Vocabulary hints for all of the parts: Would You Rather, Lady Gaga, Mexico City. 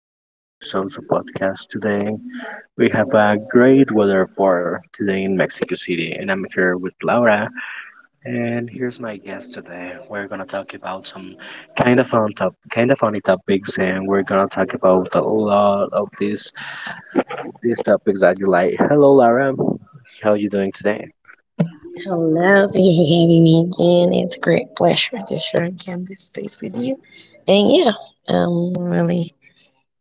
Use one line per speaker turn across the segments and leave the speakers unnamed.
this new episode of the podcast. Today, we have a great weather for today in Mexico City, and I'm here with Laura. And here's my guest today. We're gonna talk about some kind of funny topics, and we're gonna talk about a lot of these topics that you like. Hello, Laura. How are you doing today?
Hello, thank you for having me again. It's a great pleasure to share again this space with you. And yeah, I'm really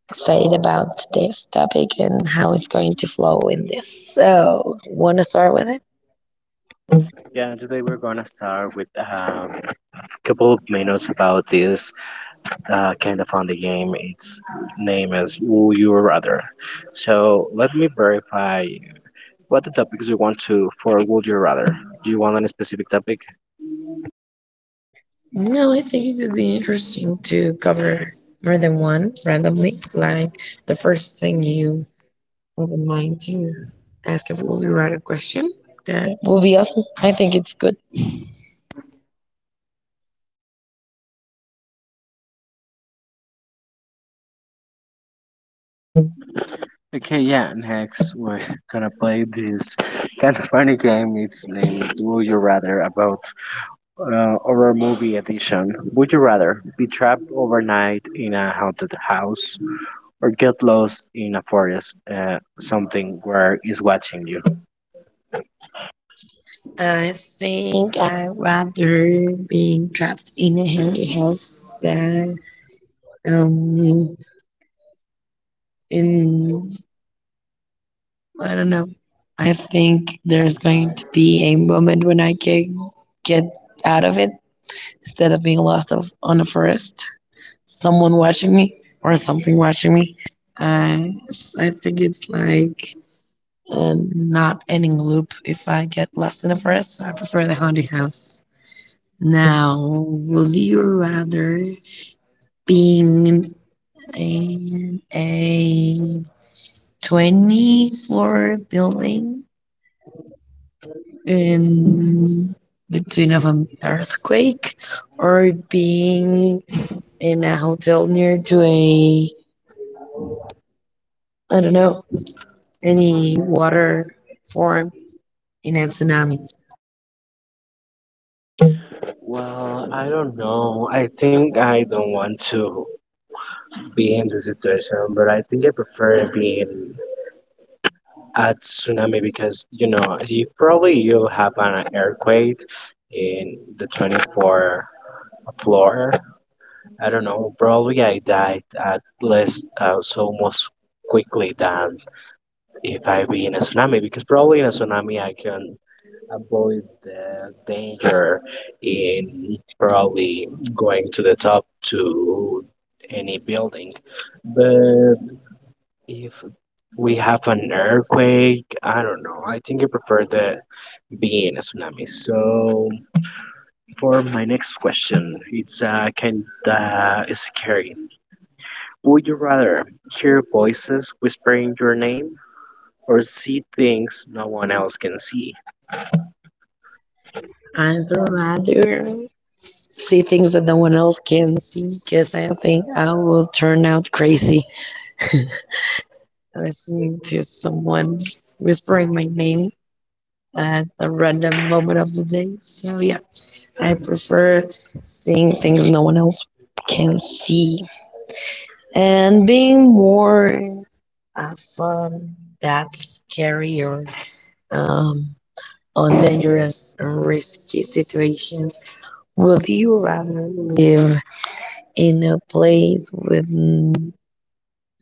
excited about today's topic and how it's going to flow in this. So, want to start with it?
Yeah, today we're gonna start with a couple of minutes about this kind of fun game. Its name is Would You Rather. So let me verify what the topics you want to for Would You Rather. Do you want any specific topic?
No, I think it could be interesting to cover more than one randomly. Like the first thing you open mind to ask if will you write a question. That will be awesome. I think it's good.
Okay, yeah, next we're gonna play this kind of funny game. It's named Would You Rather about our movie edition. Would you rather be trapped overnight in a haunted house or get lost in a forest, something where is watching you?
I think I rather being trapped in a haunted house than um in I don't know. I think there's going to be a moment when I can get out of it instead of being lost of, on a forest. Someone watching me or something watching me. Uh, I think it's like a not ending loop if I get lost in a forest. So I prefer the haunted house. Now, would you rather being in a 20 floor building in between of an earthquake or being in a hotel near to a, I don't know, any water form in a tsunami.
Well, I don't know. I think I don't want to be in the situation, but I think I prefer being at tsunami because you know you probably you have an earthquake in the 24th floor. I don't know, probably I died at least so much quickly than if I be in a tsunami, because probably in a tsunami I can avoid the danger in probably going to the top to any building. But if we have an earthquake, I don't know, I think I prefer the being a tsunami. So for my next question, it's kind of scary. Would you rather hear voices whispering your name or see things no one else can see?
I'm trying see things that no one else can see because I think I will turn out crazy listening to someone whispering my name at a random moment of the day. So yeah, I prefer seeing things no one else can see and being more uh, fun, that's scary or um, on dangerous and risky situations. Would you rather live in a place with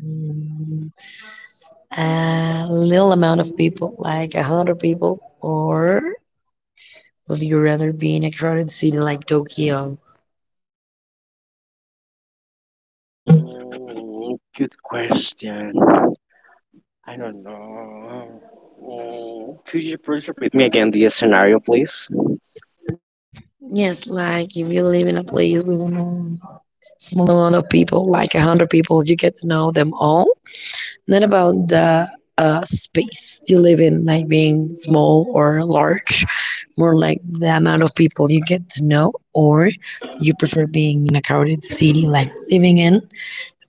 mm, a little amount of people, like a hundred people, or would you rather be in a crowded city like Tokyo?
Mm, good question. I don't know. Mm, could you please repeat me again the scenario, please?
Yes, like if you live in a place with a small amount of people, like a hundred people, you get to know them all, not about the space you live in, like being small or large, more like the amount of people you get to know, or you prefer being in a crowded city, like living in,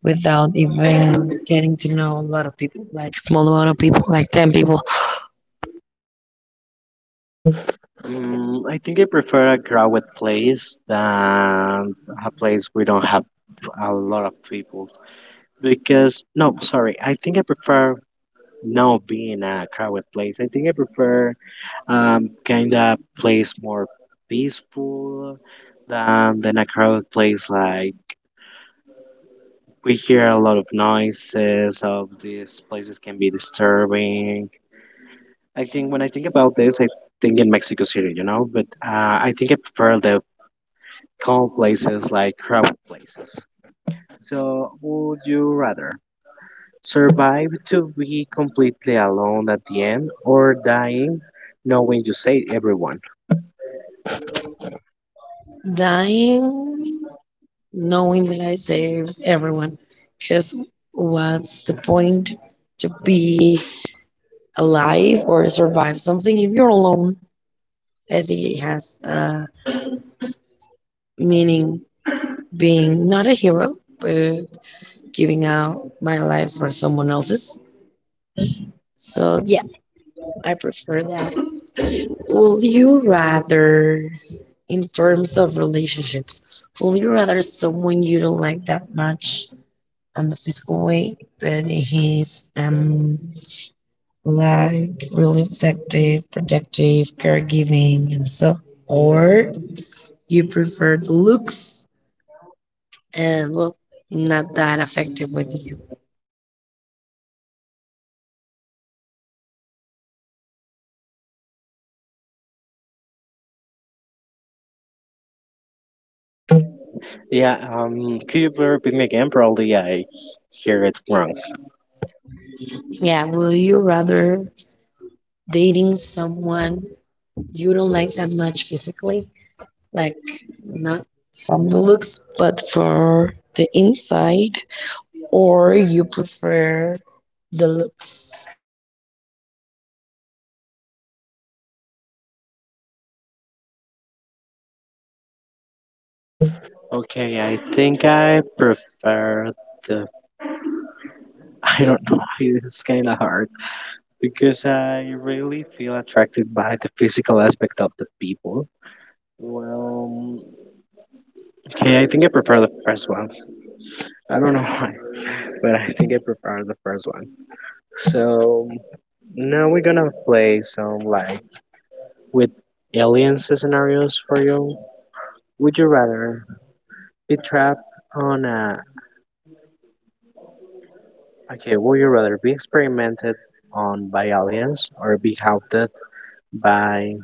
without even getting to know a lot of people, like small amount of people, like 10 people.
Mm, I think I prefer a crowded place than a place we don't have a lot of people because no, sorry. I think I prefer not being in a crowded place. I think I prefer kind of place more peaceful than a crowded place. Like, we hear a lot of noises of these places can be disturbing. I think when I think about this, I think in Mexico City, you know, but I think I prefer the calm places like crowded places. So would you rather survive to be completely alone at the end or dying knowing you saved everyone?
Dying knowing that I saved everyone, because what's the point to be alive or survive something if you're alone? I think it has. Meaning being not a hero, but giving out my life for someone else's. So, yeah, I prefer that. Will you rather, in terms of relationships, will you rather someone you don't like that much on the physical way, but he's like really effective, protective, caregiving, and so, or you prefer the looks and well, not that effective with you?
Yeah, could you repeat me again? Probably I hear it wrong.
Yeah, will you rather dating someone you don't like that much physically? Like not from the looks, but for the inside, or you prefer the looks?
Okay, I think I prefer the. I don't know why this is kind of hard, because I really feel attracted by the physical aspect of the people. Well, okay, I think I prefer the first one. I don't know why, but I think I prefer the first one. So now we're gonna play some like with aliens scenarios for you. Would you rather be trapped on a okay, would you rather be experimented on by aliens or be haunted by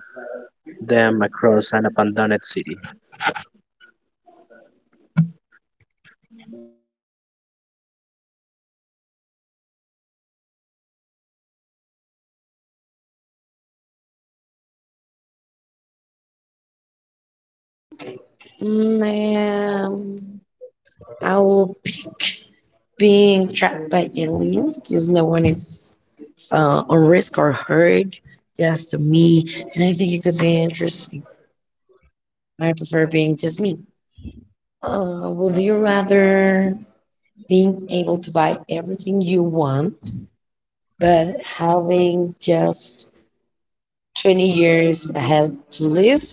them across an abandoned city?
Mm, um, I will pick being trapped by aliens because no one is on risk or hurt, just me, and I think it could be interesting. I prefer being just me. Would you rather being able to buy everything you want, but having just 20 years ahead to live?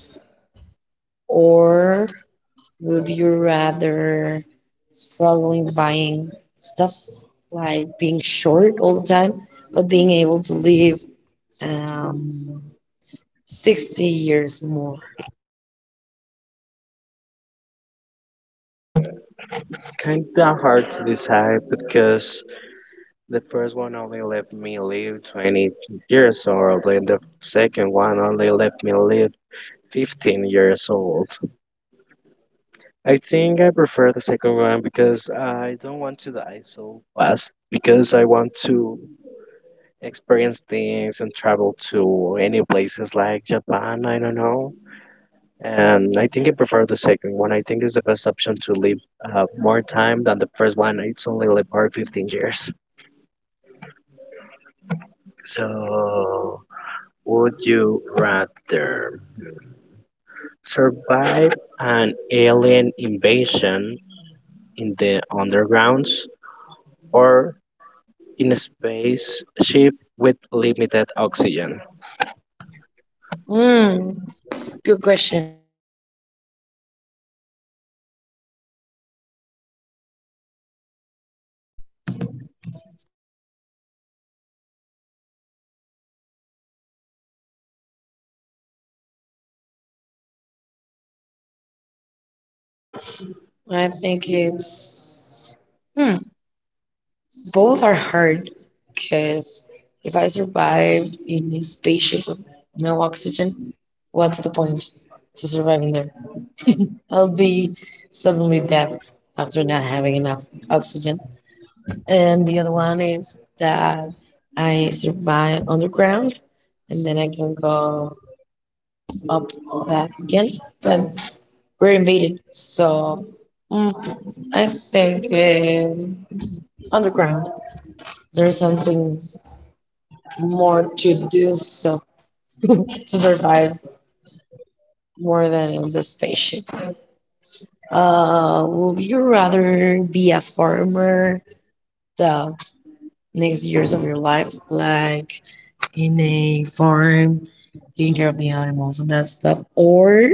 Or would you rather struggling buying stuff like being short all the time, but being able to live um, 60 years more?
It's kind of hard to decide because the first one only let me live 20 years old, and the second one only let me live 15 years old. I think I prefer the second one because I don't want to die so fast, because I want to experience things and travel to any places like Japan, I don't know. And I think I prefer the second one. I think it's the best option to live more time than the first one. It's only like for 15 years. So, would you rather survive an alien invasion in the undergrounds or in a spaceship with limited oxygen?
Hmm, good question. I think it's. Hmm. Both are hard because if I survived in a spaceship with no oxygen, what's the point to surviving there? I'll be suddenly dead after not having enough oxygen. And the other one is that I survive underground and then I can go up back again. But we're invaded, so I think underground there's something more to do so to survive more than in the spaceship. Would you rather be a farmer the next years of your life, like in a farm, taking care of the animals and that stuff, or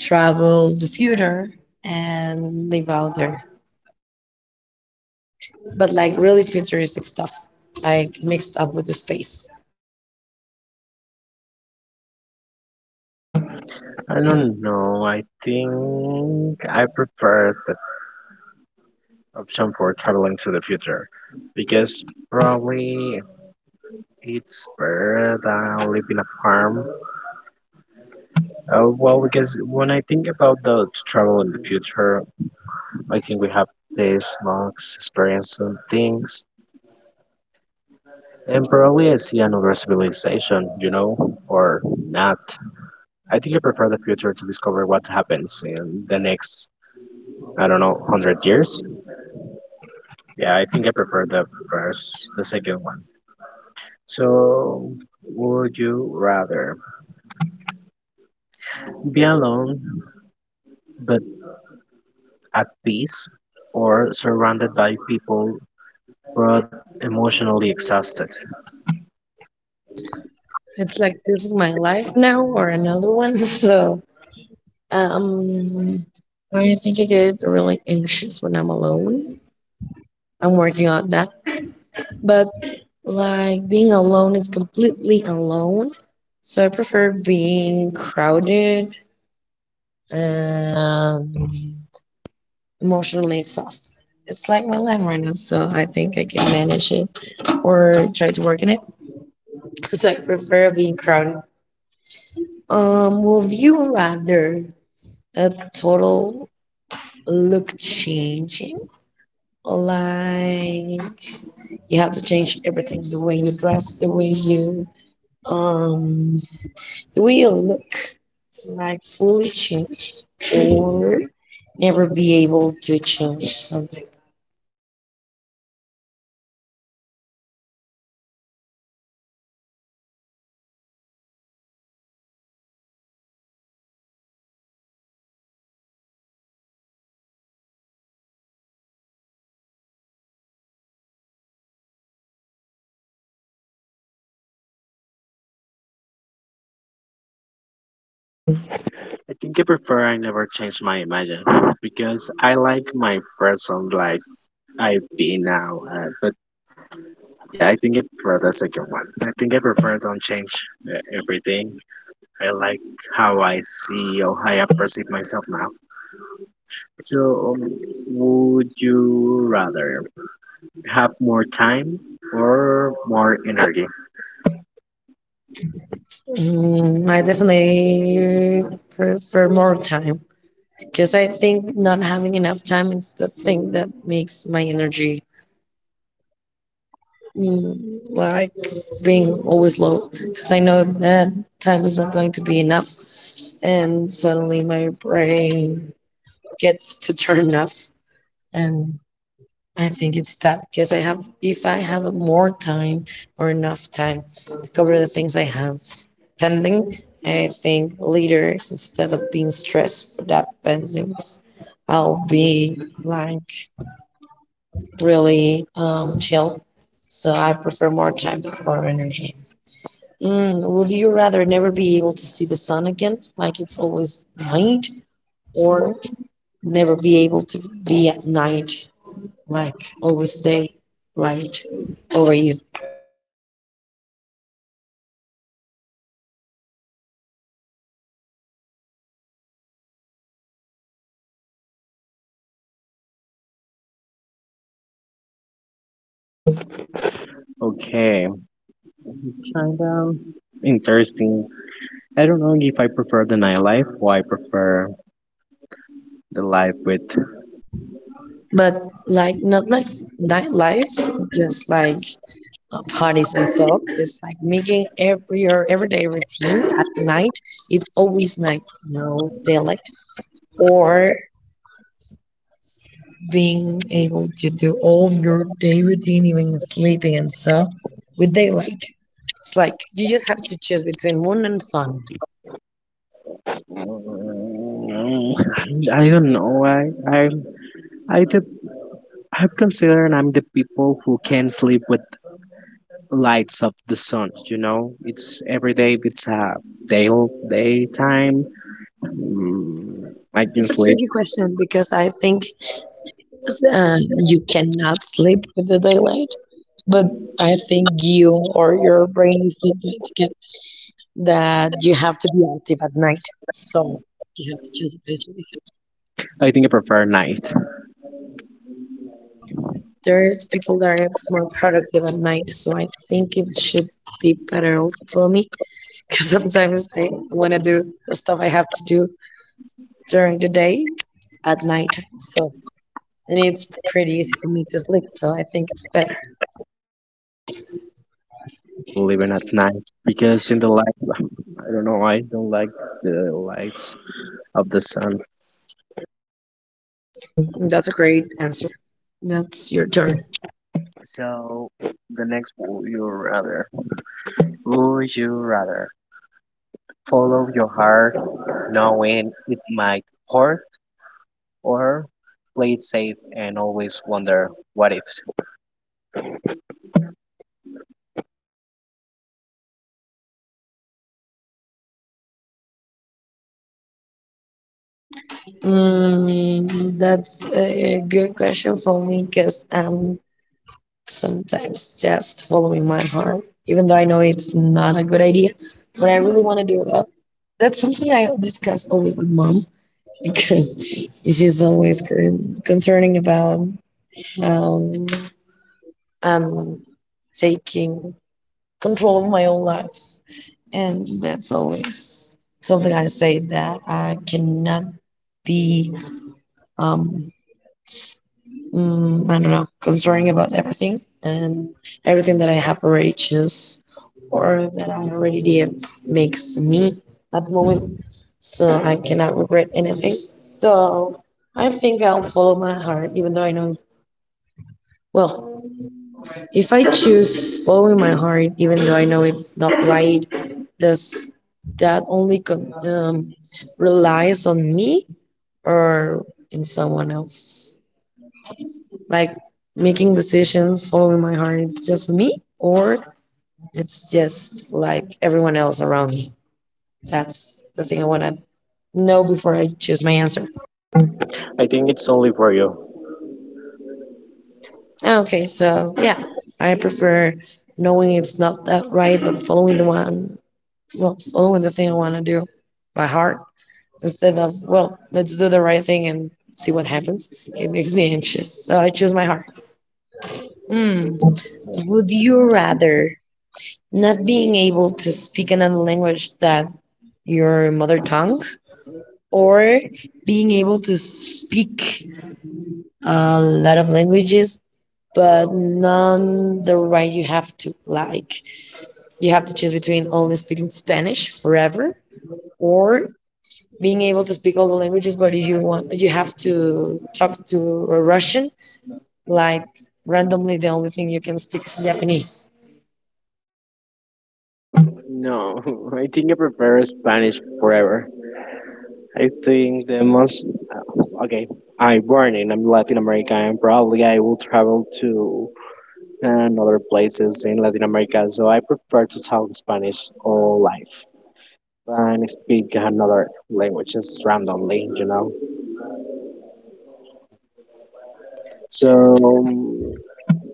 travel the future and live out there, but like really futuristic stuff, like mixed up with the space?
I don't know. I think I prefer the option for traveling to the future because probably it's better than living a farm. Well, because when I think about the to travel in the future, I think we have these monks experiencing things, and probably I see another civilization, you know, or not. I think I prefer the future to discover what happens in the next, I don't know, hundred years. Yeah, I think I prefer the second one. So, would you rather be alone but at peace, or surrounded by people but emotionally exhausted?
It's like this is my life now or another one, so Um, I think I get really anxious when I'm alone. I'm working on that. But like being alone is completely alone. So I prefer being crowded and emotionally exhausted. It's like my life right now, so I think I can manage it or try to work on it. So I prefer being crowded. Would you rather a total look changing. Like you have to change everything, the way you dress, um the way you look, like fully change or never be able to change something.
I think I prefer I never change my imagine because I like my person like I be now. But yeah, I think I prefer the second one. I think I prefer don't change everything. I like how I see or how I perceive myself now. So, would you rather have more time or more energy?
I definitely prefer more time because I think not having enough time is the thing that makes my energy like being always low because I know that time is not going to be enough, and suddenly my brain gets to turn off, and I think it's that because I have if I have more time or enough time to cover the things I have pending, I think later instead of being stressed for that pendings, I'll be like really chill. So I prefer more time for energy. Would you rather never be able to see the sun again, like it's always night, or never be able to be at night, like always day light over you?
Okay, kind of interesting. I don't know if I prefer the nightlife or I prefer the life with.
But like not like nightlife, just like parties and so. It's like making every your everyday routine at night. It's always night, no daylight. Or being able to do all of your day routine, even sleeping and stuff, with daylight. It's like you just have to choose between moon and sun.
I don't know. I the I consider I'm the people who can sleep with lights of the sun. You know, it's every day. It's a day daytime. Mm, I can
It's a
sleep.
tricky question because I think you cannot sleep with the daylight, but I think you or your brain is not going to get that you have to be active at night. So you have to choose wisely.
I think I prefer night.
There's people that are more productive at night, so I think it should be better also for me because sometimes I want to do the stuff I have to do during the day at nighttime. So, and it's pretty easy for me to sleep. So, I think it's better.
I think the experience fits better when you live in at night because in the light, I don't know, I don't like the lights of the sun.
That's a great answer. That's your turn.
So the next would you rather? Would you rather follow your heart knowing it might hurt or play it safe and always wonder what if?
That's a good question for me because I'm sometimes just following my heart, even though I know it's not a good idea, but I really want to do that. That's something I discuss always with mom because she's always concerning about Um, I'm taking control of my own life. And that's always something I say that I cannot be, um, I don't know, concerning about everything and everything that I have already choose or that I already did makes me at the moment. So I cannot regret anything. So I think I'll follow my heart, even though I know, well, if I choose following my heart, even though I know it's not right, does that only con relies on me or in someone else? Like making decisions, following my heart, it's just for me, or it's just like everyone else around me. That's the thing I want to know before I choose my answer.
I think it's only for you.
Ah, okay, so yeah, I prefer knowing it's not that right, but following the one well, following the thing I want to do by heart instead of, well, let's do the right thing and see what happens. It makes me anxious. So I choose my heart. Hmm. Would you rather not being able to speak another language than your mother tongue or being able to speak a lot of languages but none the right you have to like you have to choose between only speaking Spanish forever or being able to speak all the languages, but if you want, you have to talk to a Russian, like randomly, the only thing you can speak is Japanese.
No, I think I prefer Spanish forever. I think the most. Okay, I'm born in Latin America and probably I will travel to other places in Latin America, so I prefer to talk Spanish all life and speak another languages randomly, you know. So,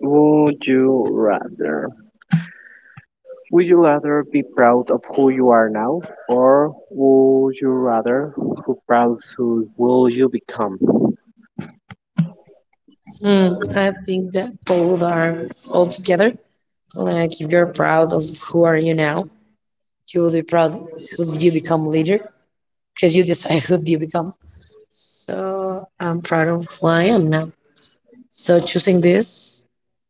would you rather Would you rather be proud of who you are now, or would you rather who proud who will you become?
Hmm, I think that both are all together. Like, if you're proud of who are you now, you will be proud of who you become later, because you decide who you become. So I'm proud of who I am now. So choosing this,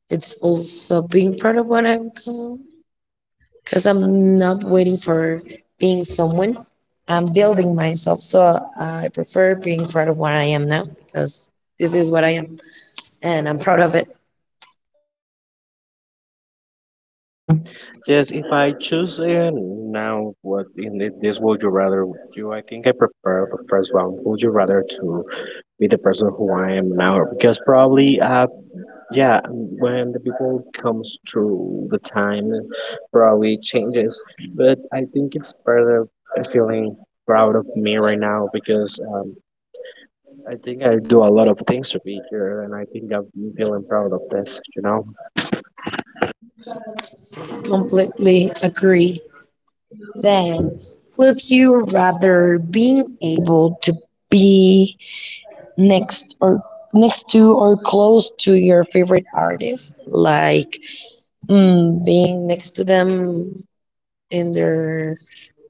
it's also being proud of what I've become, because I'm not waiting for being someone. I'm building myself, so I prefer being proud of what I am now because this is what I am, and I'm proud of it.
Yes, if I choose now, what in this would you rather do? I think I prefer the first one. Would you rather to be the person who I am now? Because probably, yeah, when the people comes through the time, probably changes. But I think it's better feeling proud of me right now, because I think I do a lot of things to be here, and I think I'm feeling proud of this. You know.
Completely agree. Then, would you rather being able to be next or next to or close to your favorite artist, like being next to them in their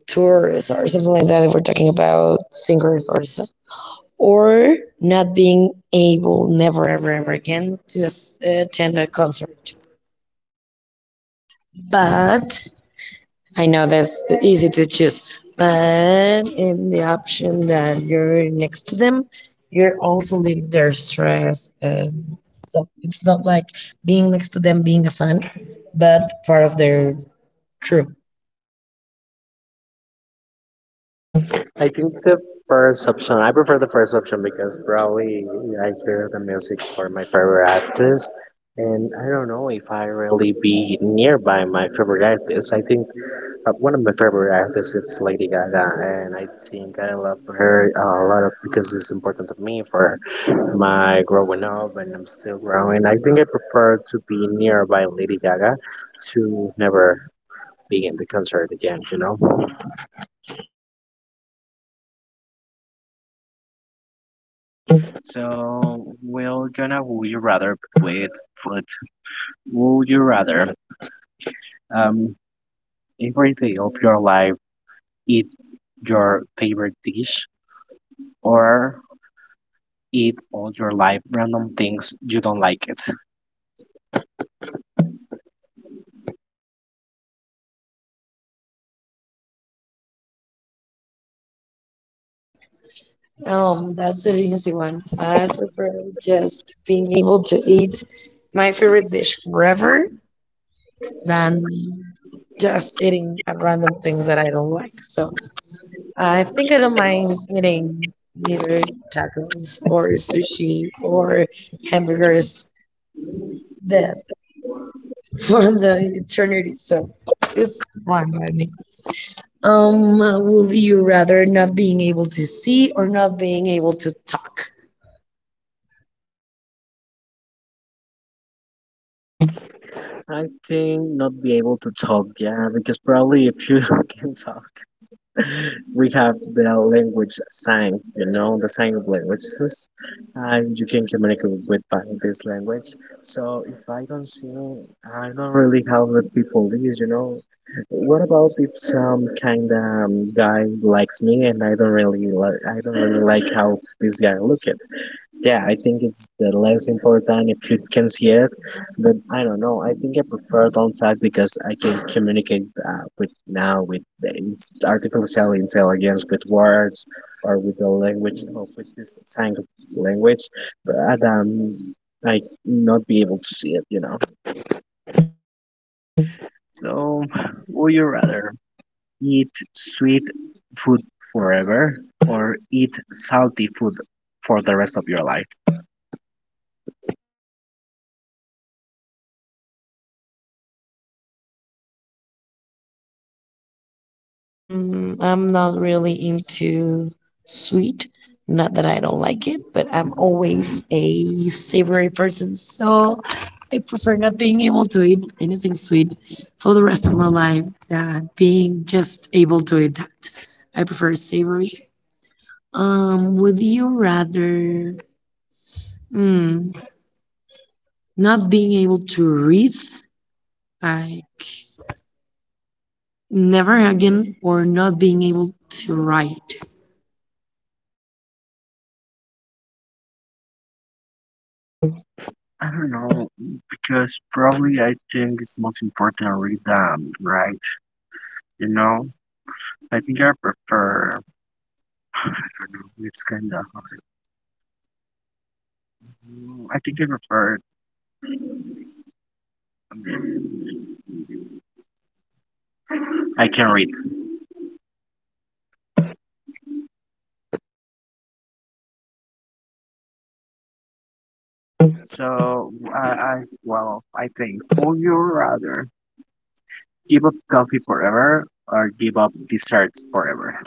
tours or something like that? If we're talking about singers or so or not being able never ever ever again to attend a concert. But I know that's easy to choose. But in the option that you're next to them, you're also leaving their stress and so it's not like being next to them being a fan, but part of their crew.
I think the first option. I prefer the first option because probably I hear the music for my favorite artist, and I don't know if I really be nearby my favorite artist. I think one of my favorite artists is Lady Gaga, and I think I love her a lot because it's important to me for my growing up, and I'm still growing. I think I prefer to be nearby Lady Gaga to never be in the concert again. You know. So we're gonna would you rather with food. Would you rather um every day of your life eat your favorite dish or eat all your life random things you don't like it?
That's the easy one. I prefer just being able to eat my favorite dish forever than just eating at random things that I don't like. So I think I don't mind eating neither tacos or sushi or hamburgers that for the eternity. So it's fine by me. Would you rather not being able to see or not being able to talk?
I think not be able to talk, yeah, because probably if you can talk, we have the language sign, you know, the sign of languages, and you can communicate with by this language. So if I don't see, I don't really how the people is, you know. What about if some kind of guy likes me and I don't really like how this guy looked? Yeah, I think it's the less important if you can see it, but I don't know. I think I prefer downside because I can communicate with now with the artificial intelligence with words or with the language or with this sign language, but I not be able to see it, you know. So, would you rather eat sweet food forever or eat salty food for the rest of your life?
I'm not really into sweet. Not that I don't like it, but I'm always a savory person, so I prefer not being able to eat anything sweet for the rest of my life than being just able to eat that. I prefer savory. Would you rather mm, not being able to read, like never again, or not being able to write?
I don't know, because probably I think it's most important to read them, right? You know, I think I prefer, I don't know, it's kind of hard. Mm, I think I prefer, I can read. So, well, I think, would you rather give up coffee forever or give up desserts forever?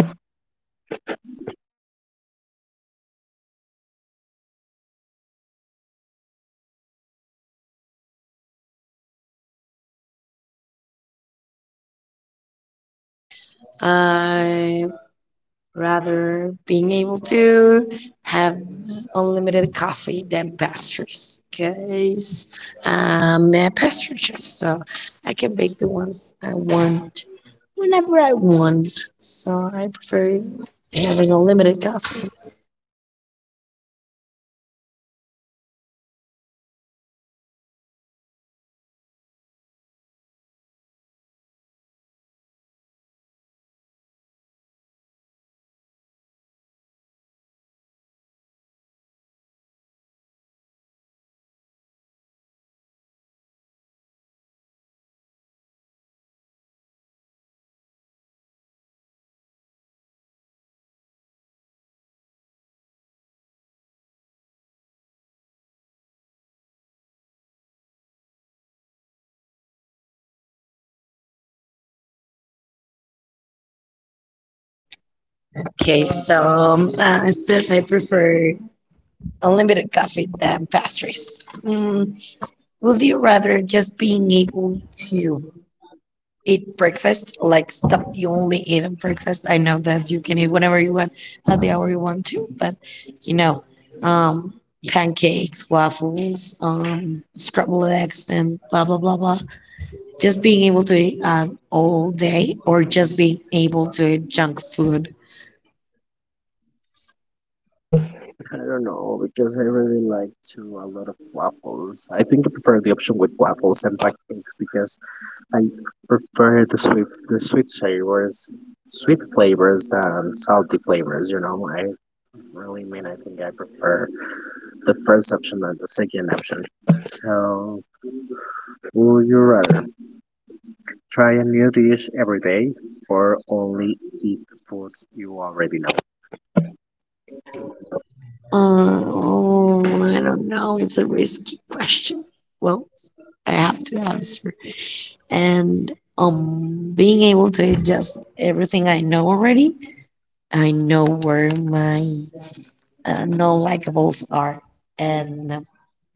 I rather being able to have unlimited coffee than pastries because I'm a pastry chef, so I can bake the ones I want whenever I want. So I prefer having unlimited coffee. Okay, so I said I prefer unlimited coffee than pastries. Would you rather just being able to eat breakfast, like stuff you only eat on breakfast. I know that you can eat whenever you want, at the hour you want to, but you know, um, pancakes, waffles, scrambled eggs, and blah blah blah blah. Just being able to eat all day, or just being able to eat junk food.
I don't know, because I really like to a lot of waffles. I think I prefer the option with waffles and pancakes because I prefer the sweet flavors, sweet flavors, than salty flavors. You know, I really mean I think I prefer the first option than the second option. So, would you rather try a new dish every day or only eat foods you already know?
Oh, I don't know. It's a risky question. Well, I have to answer. And being able to eat just everything I know already I know where my non-likables are, and I'm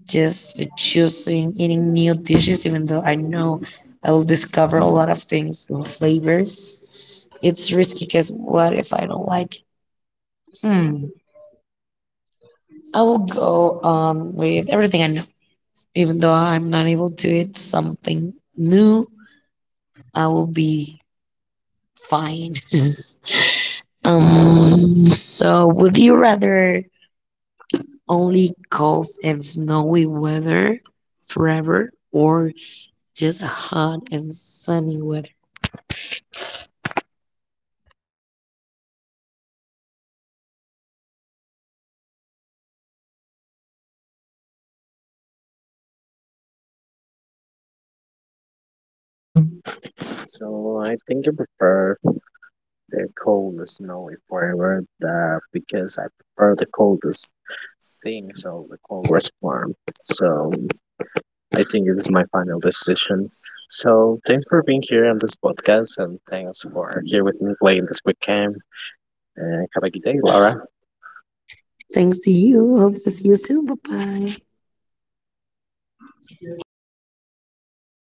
just choosing eating new dishes, even though I know I will discover a lot of things and flavors. It's risky because what if I don't like it? Hmm. I will go on with everything I know, even though I'm not able to eat something new. I will be fine. So, would you rather? Only cold and snowy weather forever or just hot and sunny weather.
So I think I prefer the coldest snowy flavor that because I prefer the coldest thing, so the coldest form. So I think it is my final decision. So thanks for being here on this podcast, and thanks for here with me playing this quick game. And have a good day, Laura.
Thanks to you. Hope to see you soon. Bye bye.